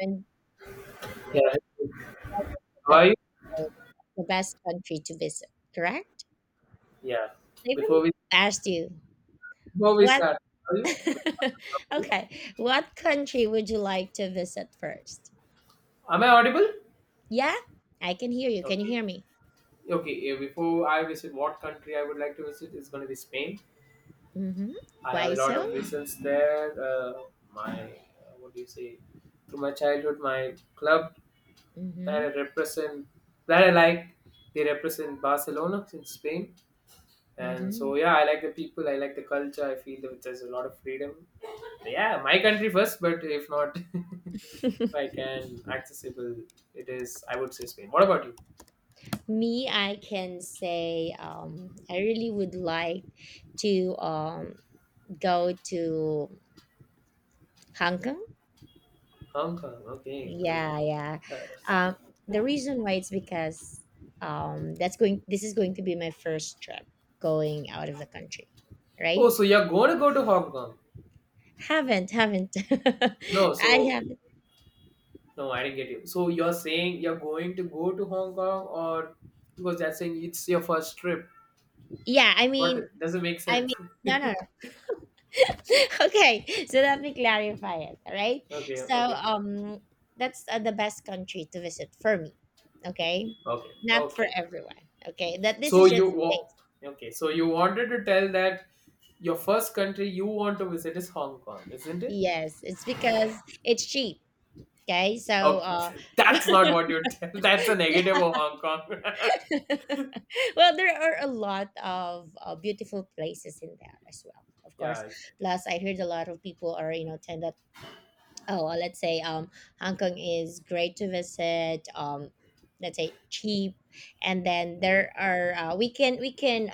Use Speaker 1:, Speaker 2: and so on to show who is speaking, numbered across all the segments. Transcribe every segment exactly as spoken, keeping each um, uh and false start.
Speaker 1: And
Speaker 2: Yeah. Hey, how
Speaker 1: like
Speaker 2: are you?
Speaker 1: the, the best country to visit, correct?
Speaker 2: Yeah.
Speaker 1: So even
Speaker 2: Before we
Speaker 1: asked you
Speaker 2: Before we
Speaker 1: what.
Speaker 2: start, how are you?
Speaker 1: Okay, what country would you like to visit first?
Speaker 2: Am I audible?
Speaker 1: Yeah, I can hear you. Can you
Speaker 2: Okay.
Speaker 1: hear me?
Speaker 2: Okay. yeah, Before I visit, what country I would like to visit is going to be Spain.
Speaker 1: Mm-hmm.
Speaker 2: I have a
Speaker 1: Why
Speaker 2: lot
Speaker 1: so?
Speaker 2: of reasons there. Uh, my uh, what do you say? Through my childhood, my club that I
Speaker 1: Mm-hmm.
Speaker 2: represent, that I like, they represent Barcelona in Spain. And
Speaker 1: Mm-hmm.
Speaker 2: so yeah, I like the people. I like the culture. I feel that there's a lot of freedom. Yeah, my country first, but if not if I can accessible it is, I would say Spain. What about you?
Speaker 1: Me, I can say, um I really would like to, um go to Hong Kong.
Speaker 2: Hong Kong, okay, good.
Speaker 1: Yeah, yeah.
Speaker 2: Uh,
Speaker 1: Um, the reason why it's because, um, that's going. This is going to be my first trip going out of the country,
Speaker 2: oh,
Speaker 1: right?
Speaker 2: so you're going to go to Hong Kong?
Speaker 1: Haven't, haven't.
Speaker 2: No,
Speaker 1: I
Speaker 2: so
Speaker 1: haven't.
Speaker 2: no, I didn't get you. So you're saying you're going to go to Hong Kong? Or because that's saying it's your first trip.
Speaker 1: Yeah, I
Speaker 2: What?
Speaker 1: mean,
Speaker 2: Doesn't make
Speaker 1: I
Speaker 2: sense.
Speaker 1: mean, no, no,
Speaker 2: Okay.
Speaker 1: no. Okay, so let me clarify it. All right. So,
Speaker 2: Okay.
Speaker 1: um, that's uh, the best country to visit for me. Okay,
Speaker 2: Okay.
Speaker 1: not for
Speaker 2: okay
Speaker 1: everyone. Okay, that this
Speaker 2: so
Speaker 1: is
Speaker 2: you
Speaker 1: just
Speaker 2: wa-
Speaker 1: space.
Speaker 2: okay, so you wanted to tell that your first country you want to visit is Hong Kong, isn't it?
Speaker 1: Yes, it's because it's cheap. Okay, so
Speaker 2: Okay,
Speaker 1: uh,
Speaker 2: that's not what you. Tell. That's a negative of Hong Kong.
Speaker 1: yeah. Well, there are a lot of uh, beautiful places in there as well, of
Speaker 2: Yeah,
Speaker 1: course.
Speaker 2: it's like,
Speaker 1: Plus, I heard a lot of people are, you know, tend that, oh, well, let's say, um, Hong Kong is great to visit, um, let's say, cheap. And then
Speaker 2: mm,
Speaker 1: there are, uh, we can, we can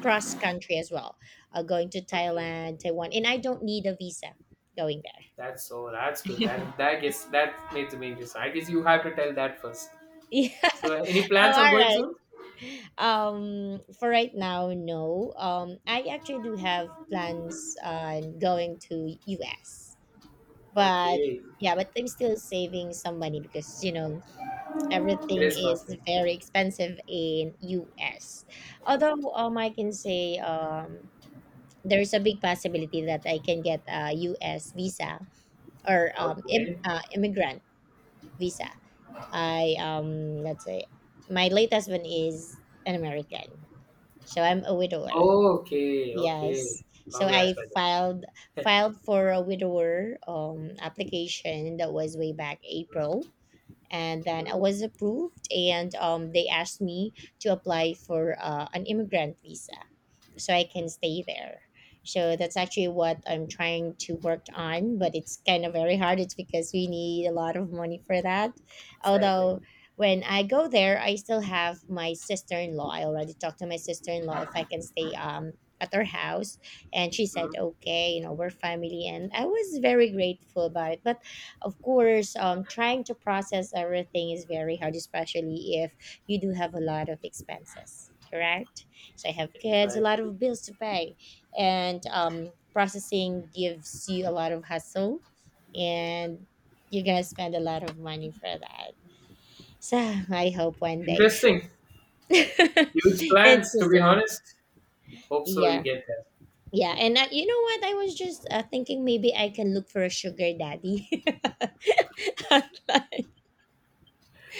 Speaker 1: cross country as well, uh, going to
Speaker 2: okay,
Speaker 1: Thailand, Taiwan. And I don't need a visa going
Speaker 2: that's so that's good.
Speaker 1: there.
Speaker 2: That that guess that makes me interesting. I guess you have to tell that first.
Speaker 1: Yeah.
Speaker 2: So, any
Speaker 1: Oh, all
Speaker 2: plans on going
Speaker 1: right.
Speaker 2: soon?
Speaker 1: Um, for right now, no. Um, I actually do have plans on going to U S, but
Speaker 2: Okay,
Speaker 1: yeah, but I'm still saving some money because you know
Speaker 2: it
Speaker 1: everything
Speaker 2: is
Speaker 1: is
Speaker 2: costly.
Speaker 1: very expensive in U S. Although, um, I can say, um, there's a big possibility that I can get a U S visa or um, Im-
Speaker 2: Okay,
Speaker 1: uh, immigrant visa. I, um, let's say, my late husband is an American, so I'm a widower.
Speaker 2: okay, okay.
Speaker 1: Yes. So
Speaker 2: Congrats,
Speaker 1: I
Speaker 2: brother.
Speaker 1: filed, filed for a widower um application. That was way back April, and then I
Speaker 2: Mhm.
Speaker 1: was approved, and um, they asked me to apply for uh, an immigrant visa so I can stay there. So that's actually what I'm trying to work on, but it's kind of very hard. It's because we need a lot of money for that.
Speaker 2: Exactly.
Speaker 1: Although, when I go there, I still have my sister in law. I already talked to my sister in law if I can stay um at her house, and she said
Speaker 2: Mhm.
Speaker 1: okay. You know, we're family, and I was very grateful about it. But of course, um, trying to process everything is very hard, especially if you do have a lot of expenses, correct? So I have kids, a lot
Speaker 2: Exactly.
Speaker 1: of bills to pay, and um, processing gives you a lot of hustle, and you're gonna spend a lot of money for that. So I hope one day.
Speaker 2: Interesting. Huge plans, to be
Speaker 1: Interesting.
Speaker 2: honest. Hope so. You
Speaker 1: Yeah.
Speaker 2: get there.
Speaker 1: Yeah, and uh, you know what? I was just uh, thinking maybe I can look for a sugar daddy. Online.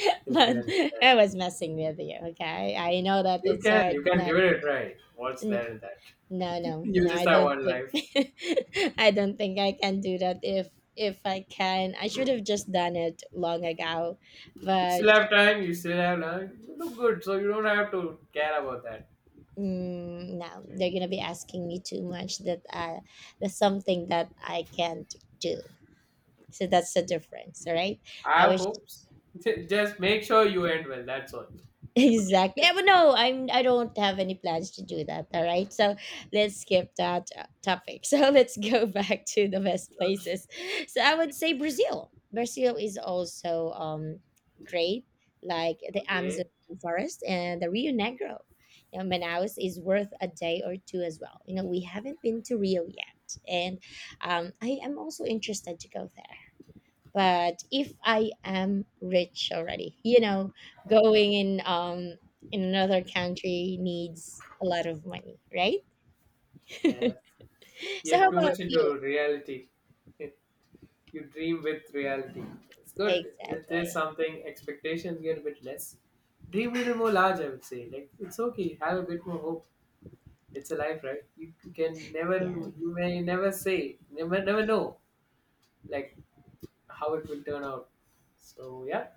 Speaker 2: You can.
Speaker 1: But
Speaker 2: You can.
Speaker 1: I was messing with you, okay? I know that
Speaker 2: You
Speaker 1: it's
Speaker 2: can,
Speaker 1: hard,
Speaker 2: you can give
Speaker 1: not
Speaker 2: it a try. What's
Speaker 1: n-
Speaker 2: there in that?
Speaker 1: no, no,
Speaker 2: You
Speaker 1: no,
Speaker 2: just
Speaker 1: I
Speaker 2: have
Speaker 1: don't
Speaker 2: one
Speaker 1: think.
Speaker 2: life.
Speaker 1: I don't think I can do that if if I can. I should have just done it long ago.
Speaker 2: Still
Speaker 1: But
Speaker 2: have time, you still have time. You look good, so you don't have to care about that.
Speaker 1: mm, no, they're gonna be asking me too much, that uh that's something that I can't do. So that's the difference, all right?
Speaker 2: I
Speaker 1: I
Speaker 2: have
Speaker 1: wish.
Speaker 2: hopes. Ju- Just make sure you end well, that's all. Okay?
Speaker 1: Exactly. Eh, but no, I'm I don't have any plans to do that. All right. So let's skip that uh, topic. So let's go back to the best
Speaker 2: Okay.
Speaker 1: places. So I would say Brazil. Brazil is also um great, like the Amazon
Speaker 2: Okay.
Speaker 1: forest and the Rio Negro. You know, Manaus is worth a day or two as well. You know, we haven't been to Rio yet, and um, I am also interested to go there, but if I am rich already, you know, going in, um in another country needs a lot of money, right?
Speaker 2: Yeah.
Speaker 1: So
Speaker 2: You're
Speaker 1: how
Speaker 2: too
Speaker 1: about
Speaker 2: much
Speaker 1: you?
Speaker 2: into reality. You dream with reality. It's good. It is
Speaker 1: Exactly.
Speaker 2: something, expectations get a bit less. Dream a little more large, I would say. Like, it's okay. Have a bit more hope. It's a life, right? You can never,
Speaker 1: Yeah.
Speaker 2: you may never say, never, never know, like how it will turn out. So yeah,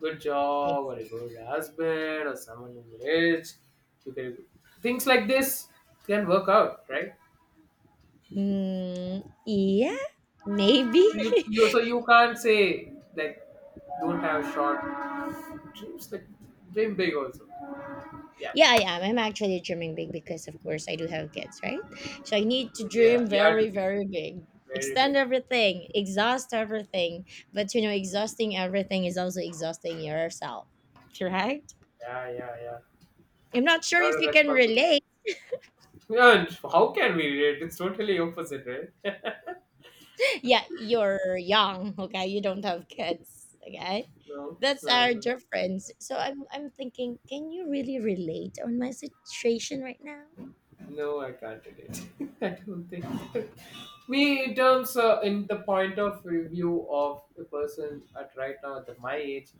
Speaker 2: good job
Speaker 1: ex-
Speaker 2: or a good husband or someone who's rich. You can, things like this can work out, right?
Speaker 1: mm, yeah, maybe.
Speaker 2: So you, you so you can't say like don't have short dreams. Like dream big also. Yeah,
Speaker 1: Yeah, I am, I'm actually dreaming big because, of course, I do have kids, right? So I need to
Speaker 2: yeah,
Speaker 1: dream
Speaker 2: yeah.
Speaker 1: very, very big,
Speaker 2: Very big.
Speaker 1: extend everything, exhaust everything. But you know, exhausting everything is also exhausting yourself, correct?
Speaker 2: Yeah, yeah, yeah.
Speaker 1: I'm not sure
Speaker 2: Lot
Speaker 1: if
Speaker 2: of
Speaker 1: you can
Speaker 2: responsibility.
Speaker 1: relate.
Speaker 2: Yeah, and how can we relate? It's totally opposite, right?
Speaker 1: Yeah, you're young, okay? You don't have kids, okay?
Speaker 2: No,
Speaker 1: That's
Speaker 2: I
Speaker 1: our
Speaker 2: don't-
Speaker 1: difference. So I'm I'm thinking, can you really relate on my situation right now?
Speaker 2: no, I can't relate. I don't think. Me, in terms uh, in the point of view of a person at right now at my age,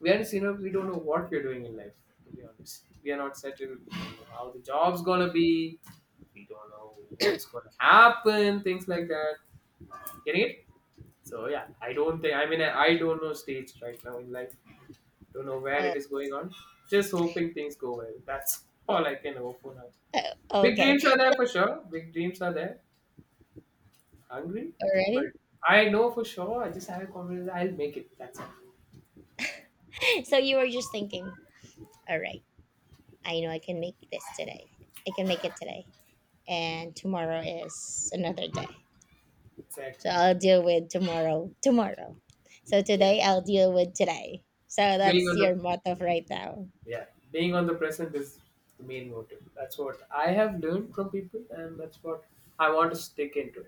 Speaker 2: we are, you know, we don't know what we're doing in life. To be honest, we are not settled. We don't know how the job's gonna be. We don't know what's gonna happen. Things like that. Getting it? So yeah, I don't think. I mean, I, I don't know stage right now in life. Don't know where it
Speaker 1: Oh,
Speaker 2: is going on. Just hoping things go well. That's all I can hope for now.
Speaker 1: oh,
Speaker 2: Big
Speaker 1: okay.
Speaker 2: dreams are there for sure. Big dreams are there. Hungry,
Speaker 1: All
Speaker 2: but
Speaker 1: right.
Speaker 2: I know for sure. I just have a confidence. I'll make it. That's all.
Speaker 1: So you were just thinking, all right, I know I can make this today. I can make it today. And tomorrow is another day. So
Speaker 2: Exactly.
Speaker 1: I'll deal with tomorrow tomorrow. So
Speaker 2: Yeah.
Speaker 1: today I'll deal with today. So
Speaker 2: Being
Speaker 1: that's
Speaker 2: on the
Speaker 1: your motto right now.
Speaker 2: Yeah, being on the present is the main motive. That's what I have learned from people, and that's what I want to stick into.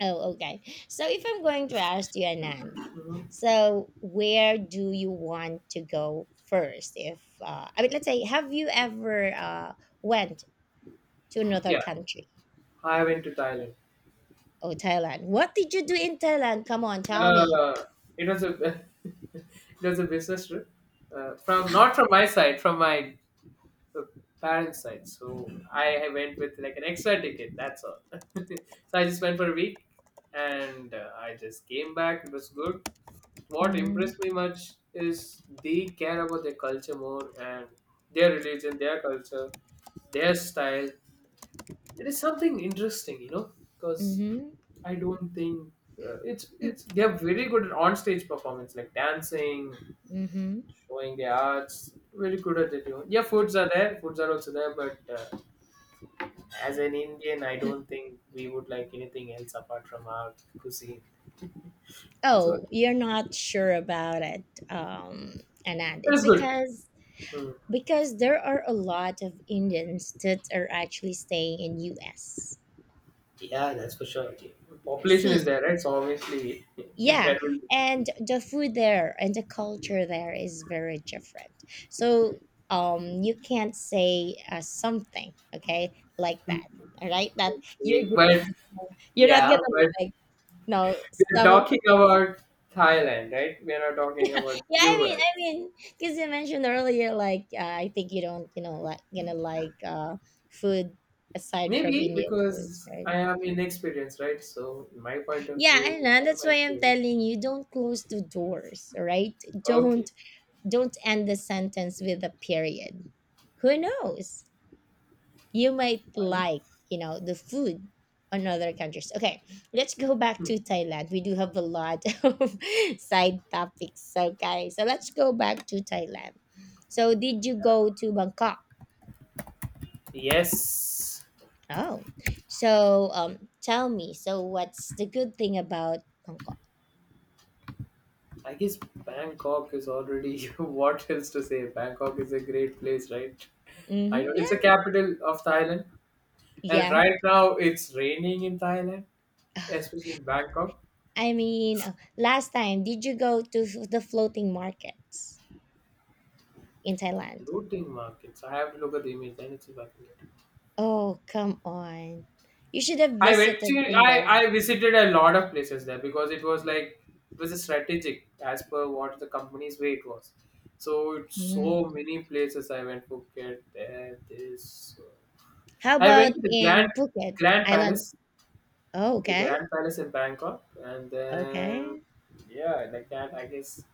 Speaker 1: Oh, okay. So if I'm going to ask you, Anand,
Speaker 2: Hmm.
Speaker 1: so where do you want to go first? If uh, I mean, let's say, have you ever uh, went to another
Speaker 2: Yeah,
Speaker 1: country?
Speaker 2: I went to Thailand.
Speaker 1: Oh, Thailand. What did you do in Thailand? Come on, tell me.
Speaker 2: Uh, it was a it was a business trip uh, from not from my side, from my uh, parents' side. So I, I went with like an extra ticket. That's all. So I just went for a week, and uh, I just came back. It was good. What impressed
Speaker 1: Mm-hmm.
Speaker 2: me much is they care about their culture more and their religion, their culture, their style. It is something interesting, you know, because
Speaker 1: Mm-hmm.
Speaker 2: I don't think uh, it's it's they are very good at on-stage performance, like dancing,
Speaker 1: Mm-hmm.
Speaker 2: showing their arts. Very good at it. You know. Yeah, foods are there. Foods are also there, but uh, as an Indian, I don't think we would like anything else apart from our cuisine. So
Speaker 1: Oh, you're not sure about it, um, Anand. It's
Speaker 2: that's good.
Speaker 1: because
Speaker 2: Hmm.
Speaker 1: because there are a lot of Indians that are actually staying in U S.
Speaker 2: Yeah, that's for sure. Population is
Speaker 1: See,
Speaker 2: there, right? So obviously
Speaker 1: yeah,
Speaker 2: there will be people.
Speaker 1: and the food there and the culture there is very different, so um you can't say uh, something okay like that, all right, that you're
Speaker 2: Okay, but
Speaker 1: just, you're not
Speaker 2: yeah,
Speaker 1: gonna
Speaker 2: but
Speaker 1: like, no,
Speaker 2: we're
Speaker 1: some of,
Speaker 2: talking about Thailand, right? We're not talking about
Speaker 1: yeah, i mean i
Speaker 2: U S.
Speaker 1: mean because you mentioned earlier like, uh, I think you don't, you know, like gonna like, uh food aside from
Speaker 2: Maybe
Speaker 1: Indian foods,
Speaker 2: because
Speaker 1: right?
Speaker 2: I am inexperienced, right? So in my point of
Speaker 1: Yeah, I
Speaker 2: view,
Speaker 1: know,
Speaker 2: I
Speaker 1: that's why
Speaker 2: might
Speaker 1: I'm
Speaker 2: say
Speaker 1: telling you, don't close the doors, all right?
Speaker 2: okay,
Speaker 1: Don't. Don't end the sentence with a period. Who knows? You might
Speaker 2: fine.
Speaker 1: like, you know, the food on other countries. Okay, let's go back to Thailand. We do have a lot of side topics. Okay, so let's go back to Thailand. So, did you go to Bangkok?
Speaker 2: Yes.
Speaker 1: Oh, so, um, tell me. So, what's the good thing about Bangkok?
Speaker 2: I guess Bangkok is already what else to say? Bangkok is a great place, right? I know
Speaker 1: Mm-hmm,
Speaker 2: it's a
Speaker 1: yeah,
Speaker 2: capital of Thailand, and
Speaker 1: yeah.
Speaker 2: right now it's raining in Thailand, especially in Bangkok.
Speaker 1: I mean, uh, last time, did you go to f- the floating markets in
Speaker 2: The
Speaker 1: Thailand?
Speaker 2: floating markets. I have to look at the image, then it's about it.
Speaker 1: Oh, come on. You should have
Speaker 2: I went
Speaker 1: visited
Speaker 2: to
Speaker 1: in there.
Speaker 2: I, I visited a lot of places there because it was like it was a strategic as per what the company's way it was. So it's
Speaker 1: Mhm.
Speaker 2: so many places I went Phuket, there, this. uh,
Speaker 1: How
Speaker 2: I went
Speaker 1: about
Speaker 2: to the
Speaker 1: in
Speaker 2: Grand
Speaker 1: Phuket
Speaker 2: Grand
Speaker 1: Island?
Speaker 2: Palace,
Speaker 1: Oh,
Speaker 2: the
Speaker 1: okay.
Speaker 2: Grand Palace in Bangkok, and then
Speaker 1: Okay.
Speaker 2: yeah, like that. I guess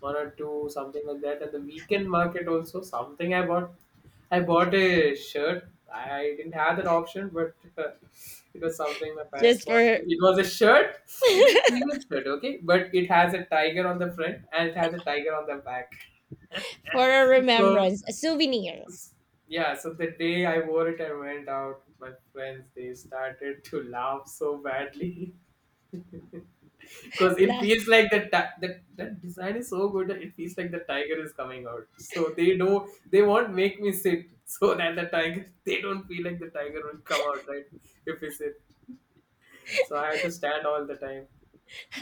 Speaker 2: one or two, something like that. And the weekend market also, something I bought. I bought a shirt. I didn't have that option, but uh, it was something my parents
Speaker 1: Just
Speaker 2: bought me.
Speaker 1: for
Speaker 2: It was a shirt. It was a premium shirt, okay, but it has a tiger on the front and it has a tiger on the back.
Speaker 1: for a
Speaker 2: So
Speaker 1: remembrance, a souvenir.
Speaker 2: yeah, so the day I wore it, I went out with my friends. They started to laugh so badly. Because it
Speaker 1: Like,
Speaker 2: feels like the ti- that that design is so good that it feels like the tiger is coming out, so they know they won't make me sit so that the tiger they don't feel like the tiger will come out, right? If we sit, so I had to stand all the time.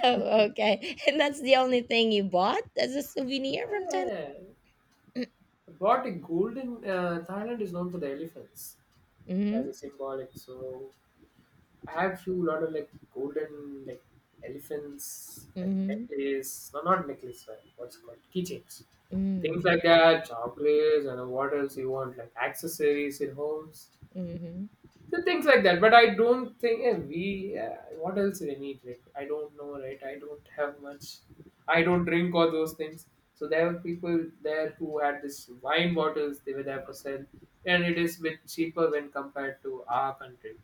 Speaker 1: oh, okay. And that's the only thing you bought as a souvenir from Thailand?
Speaker 2: Yeah.
Speaker 1: Mm,
Speaker 2: But gold in uh, Thailand is known for the elephants as a
Speaker 1: mm-hmm.
Speaker 2: symbolic. So I have few lot of like golden like elephants, like
Speaker 1: Mm-hmm.
Speaker 2: necklace. No, not necklace. uh, What's it called, keychains, things
Speaker 1: Mm-hmm.
Speaker 2: like that. Chocolates and uh, what else you want? Like accessories in homes,
Speaker 1: Mm-hmm.
Speaker 2: so things like that. But I don't think eh, we. Uh, what else do I need? Like I don't know, right? I don't have much. I don't drink all those things. So there were people there who had this wine bottles. They were there for sale, and it is bit cheaper when compared to our country,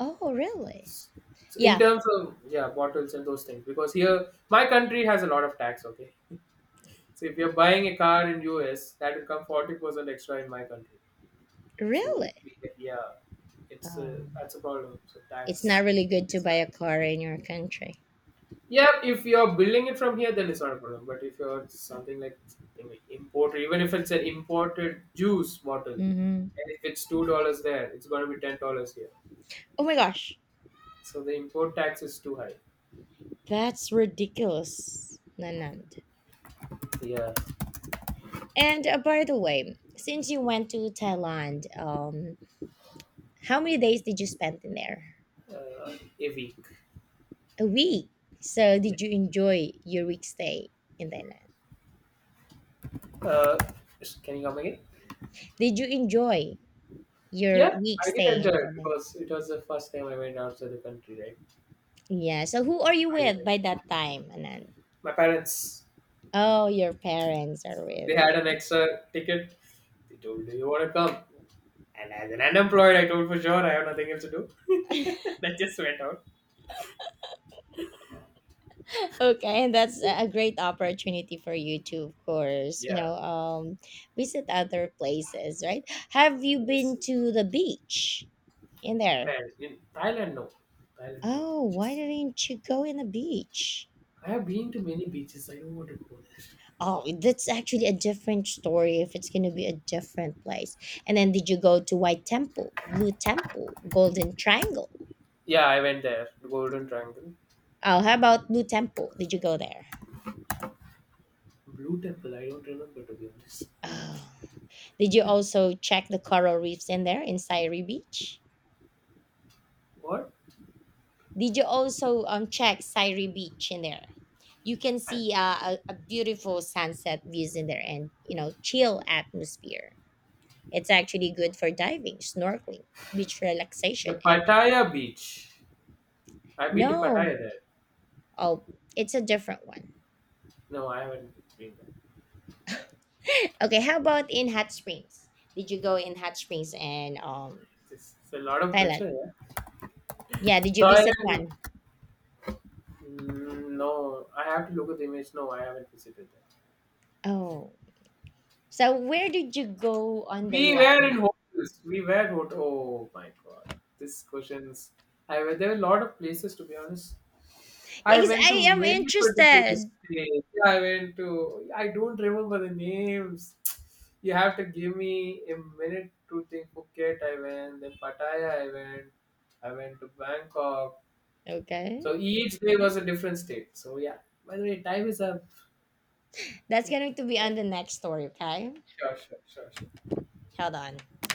Speaker 1: Oh, really?
Speaker 2: so in
Speaker 1: Yeah,
Speaker 2: terms of yeah, bottles and those things, because here my country has a lot of tax. Okay, so if you're buying a car in U S, that will come forty percent extra in my country. So
Speaker 1: really?
Speaker 2: we, yeah, it's
Speaker 1: Oh.
Speaker 2: a, that's a problem. So
Speaker 1: It's
Speaker 2: tax
Speaker 1: not really good to
Speaker 2: is
Speaker 1: buy
Speaker 2: high.
Speaker 1: a car in your country.
Speaker 2: Yeah, if you're building it from here, then it's not a problem. But if you're something like I mean, imported, even if it's an imported juice bottle,
Speaker 1: Mm-hmm.
Speaker 2: and if it's two dollars there, it's going to be ten dollars here.
Speaker 1: Oh my gosh.
Speaker 2: So the import tax is too high.
Speaker 1: That's ridiculous, Nanand.
Speaker 2: Yeah,
Speaker 1: And uh, by the way, since you went to Thailand, um, how many days did you spend in there?
Speaker 2: uh, a week.
Speaker 1: A week. So did you enjoy your week stay in Thailand?
Speaker 2: Uh, can you come again?
Speaker 1: Did you enjoy your
Speaker 2: Yeah,
Speaker 1: week
Speaker 2: I did
Speaker 1: stay
Speaker 2: enjoy
Speaker 1: in
Speaker 2: it
Speaker 1: Thailand?
Speaker 2: because it was the first time I went outside the country, right?
Speaker 1: Yeah. So who are you
Speaker 2: I did
Speaker 1: with
Speaker 2: it.
Speaker 1: by that time, Anand?
Speaker 2: My parents,
Speaker 1: Oh, your parents are with
Speaker 2: they had an
Speaker 1: you.
Speaker 2: extra ticket. They told, do you want to come? And as an unemployed, I told for sure I have nothing else to do. I just went out.
Speaker 1: Okay, and that's a great opportunity for you to, of course, you
Speaker 2: Yeah.
Speaker 1: know, um, visit other places, right? Have you
Speaker 2: Yes.
Speaker 1: been to the beach in there?
Speaker 2: Man, in Thailand, no. Thailand, no.
Speaker 1: Oh, why
Speaker 2: Just-
Speaker 1: didn't you go in the beach?
Speaker 2: I have been to many beaches. I don't want to go there.
Speaker 1: Oh, that's actually a different story if it's going to be a different place. And then did you go to White Temple, Blue Temple, Golden Triangle?
Speaker 2: Yeah, I went there. Golden Triangle.
Speaker 1: Oh, how about Blue Temple? Did you go there?
Speaker 2: Blue Temple. I don't remember, to be honest.
Speaker 1: Oh. Did you also check the coral reefs in there in Sairi Beach?
Speaker 2: What?
Speaker 1: Did you also um check Syri Beach in there? You can see uh, a, a beautiful sunset views in there, and you know, chill atmosphere. It's actually good for diving, snorkeling, beach
Speaker 2: The
Speaker 1: relaxation, and
Speaker 2: Pattaya beach. I've been to Pattaya
Speaker 1: no,
Speaker 2: there.
Speaker 1: oh, it's a different one.
Speaker 2: No, I haven't been there.
Speaker 1: Okay, how about in hot springs? Did you go in hot springs and um
Speaker 2: It's, it's a lot of
Speaker 1: Thailand?
Speaker 2: pressure, yeah.
Speaker 1: Yeah, did you visit
Speaker 2: Thailand,
Speaker 1: one?
Speaker 2: mm, no. I have to look at the image. No, I haven't visited there.
Speaker 1: Oh, so where did you go on day
Speaker 2: We were
Speaker 1: one?
Speaker 2: in hotels. We were hot. Oh my god, this questions. I were there were a lot of places to be honest. I
Speaker 1: Yes,
Speaker 2: went
Speaker 1: I
Speaker 2: to
Speaker 1: am
Speaker 2: many particular states.
Speaker 1: interested.
Speaker 2: Yeah, I went to. I don't remember the names. You have to give me a minute to think. Phuket, I went. Then Pattaya, I went. I went to Bangkok.
Speaker 1: Okay.
Speaker 2: So each day was a different state. So yeah. By the way, time is up.
Speaker 1: That's going to be
Speaker 2: Thank
Speaker 1: on
Speaker 2: you.
Speaker 1: the next story, okay?
Speaker 2: Sure, sure, sure, sure.
Speaker 1: Hold on.